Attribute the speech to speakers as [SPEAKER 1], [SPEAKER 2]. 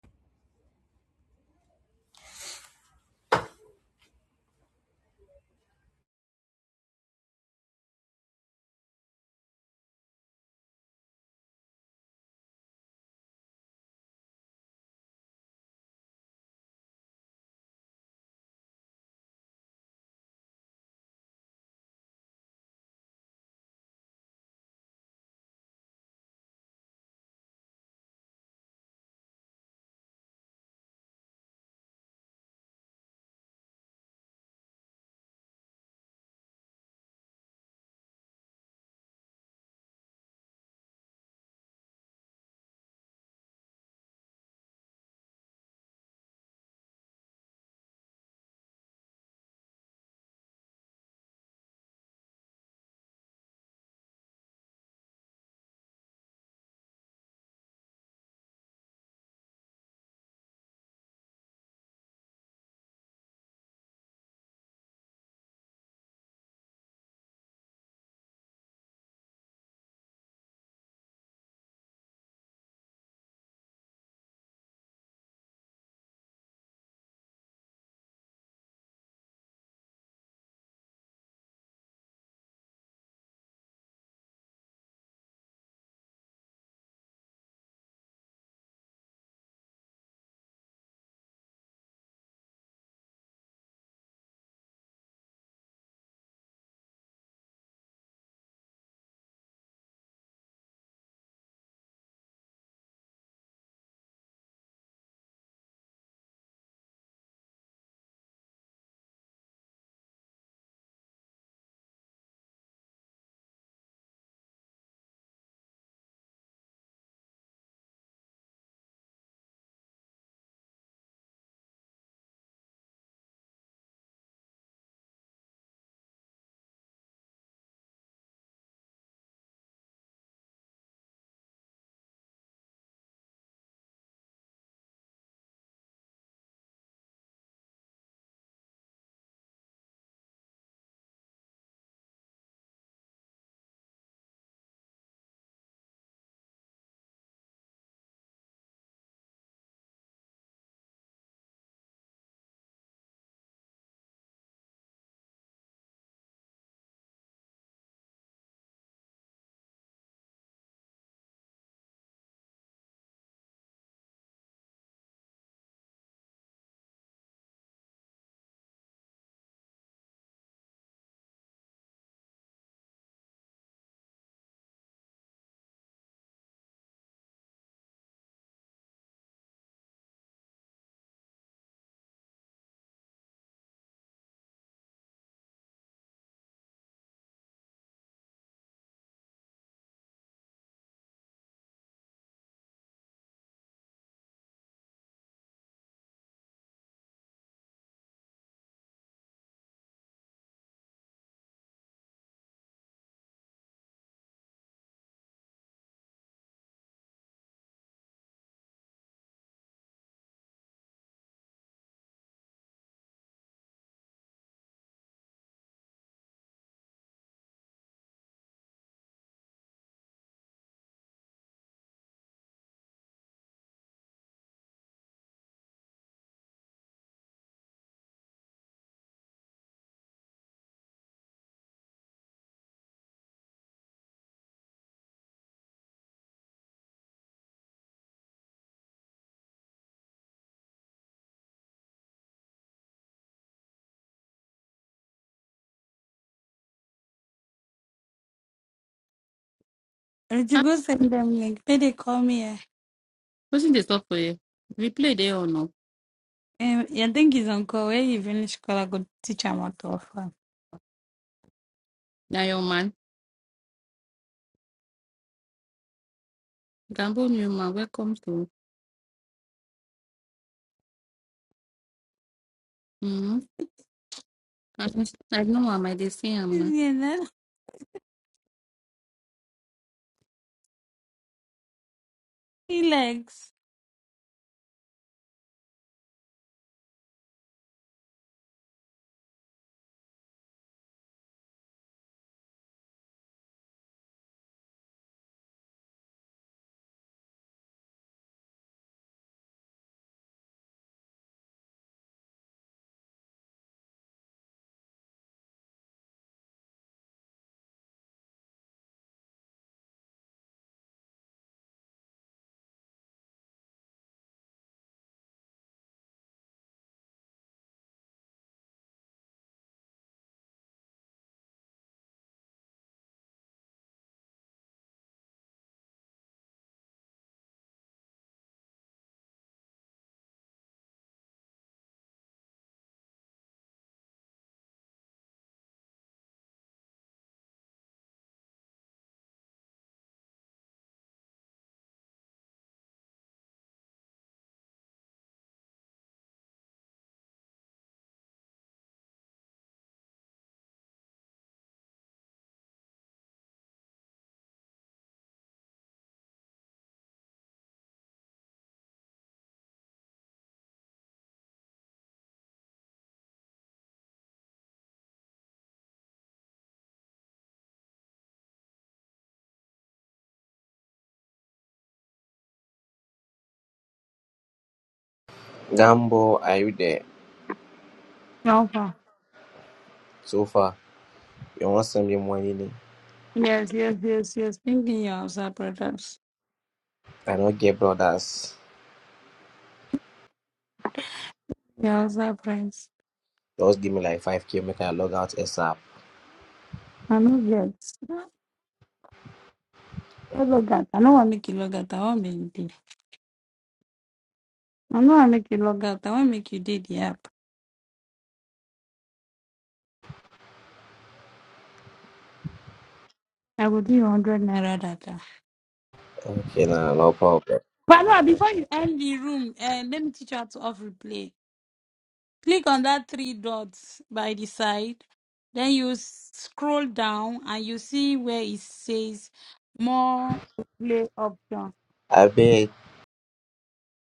[SPEAKER 1] I had to
[SPEAKER 2] Ah,
[SPEAKER 1] go send them link. Then they call me. eh,
[SPEAKER 2] Wetin dey talk for you? We play there or no?
[SPEAKER 1] Um, yeah, I think he's on call. Where he finished school, I could teach him how to offer.
[SPEAKER 2] Na your man. Gambo new man, welcome to. Mm-hmm. I, know am, I dey see am
[SPEAKER 1] You know, he likes.
[SPEAKER 3] Damn are you there?
[SPEAKER 1] Offer.
[SPEAKER 3] So far, you want send me money? ne?
[SPEAKER 1] Yes, yes, yes, yes. Thinking your outside products.
[SPEAKER 3] I don't get brothers.
[SPEAKER 1] Your outside friends.
[SPEAKER 3] Just give me like 5k, make I log out ASAP.
[SPEAKER 1] I know gets. I log out. I don't want to make you log out. I want make you did. I don't want make you log out. I want make you did the app. I will do you 100 naira data.
[SPEAKER 3] Okay, nah, no problem.
[SPEAKER 1] But no, before you end the room, uh, let me teach you how to off replay. Click on that three dots by the side. Then you scroll down and you see where it says more play options.
[SPEAKER 3] I beg.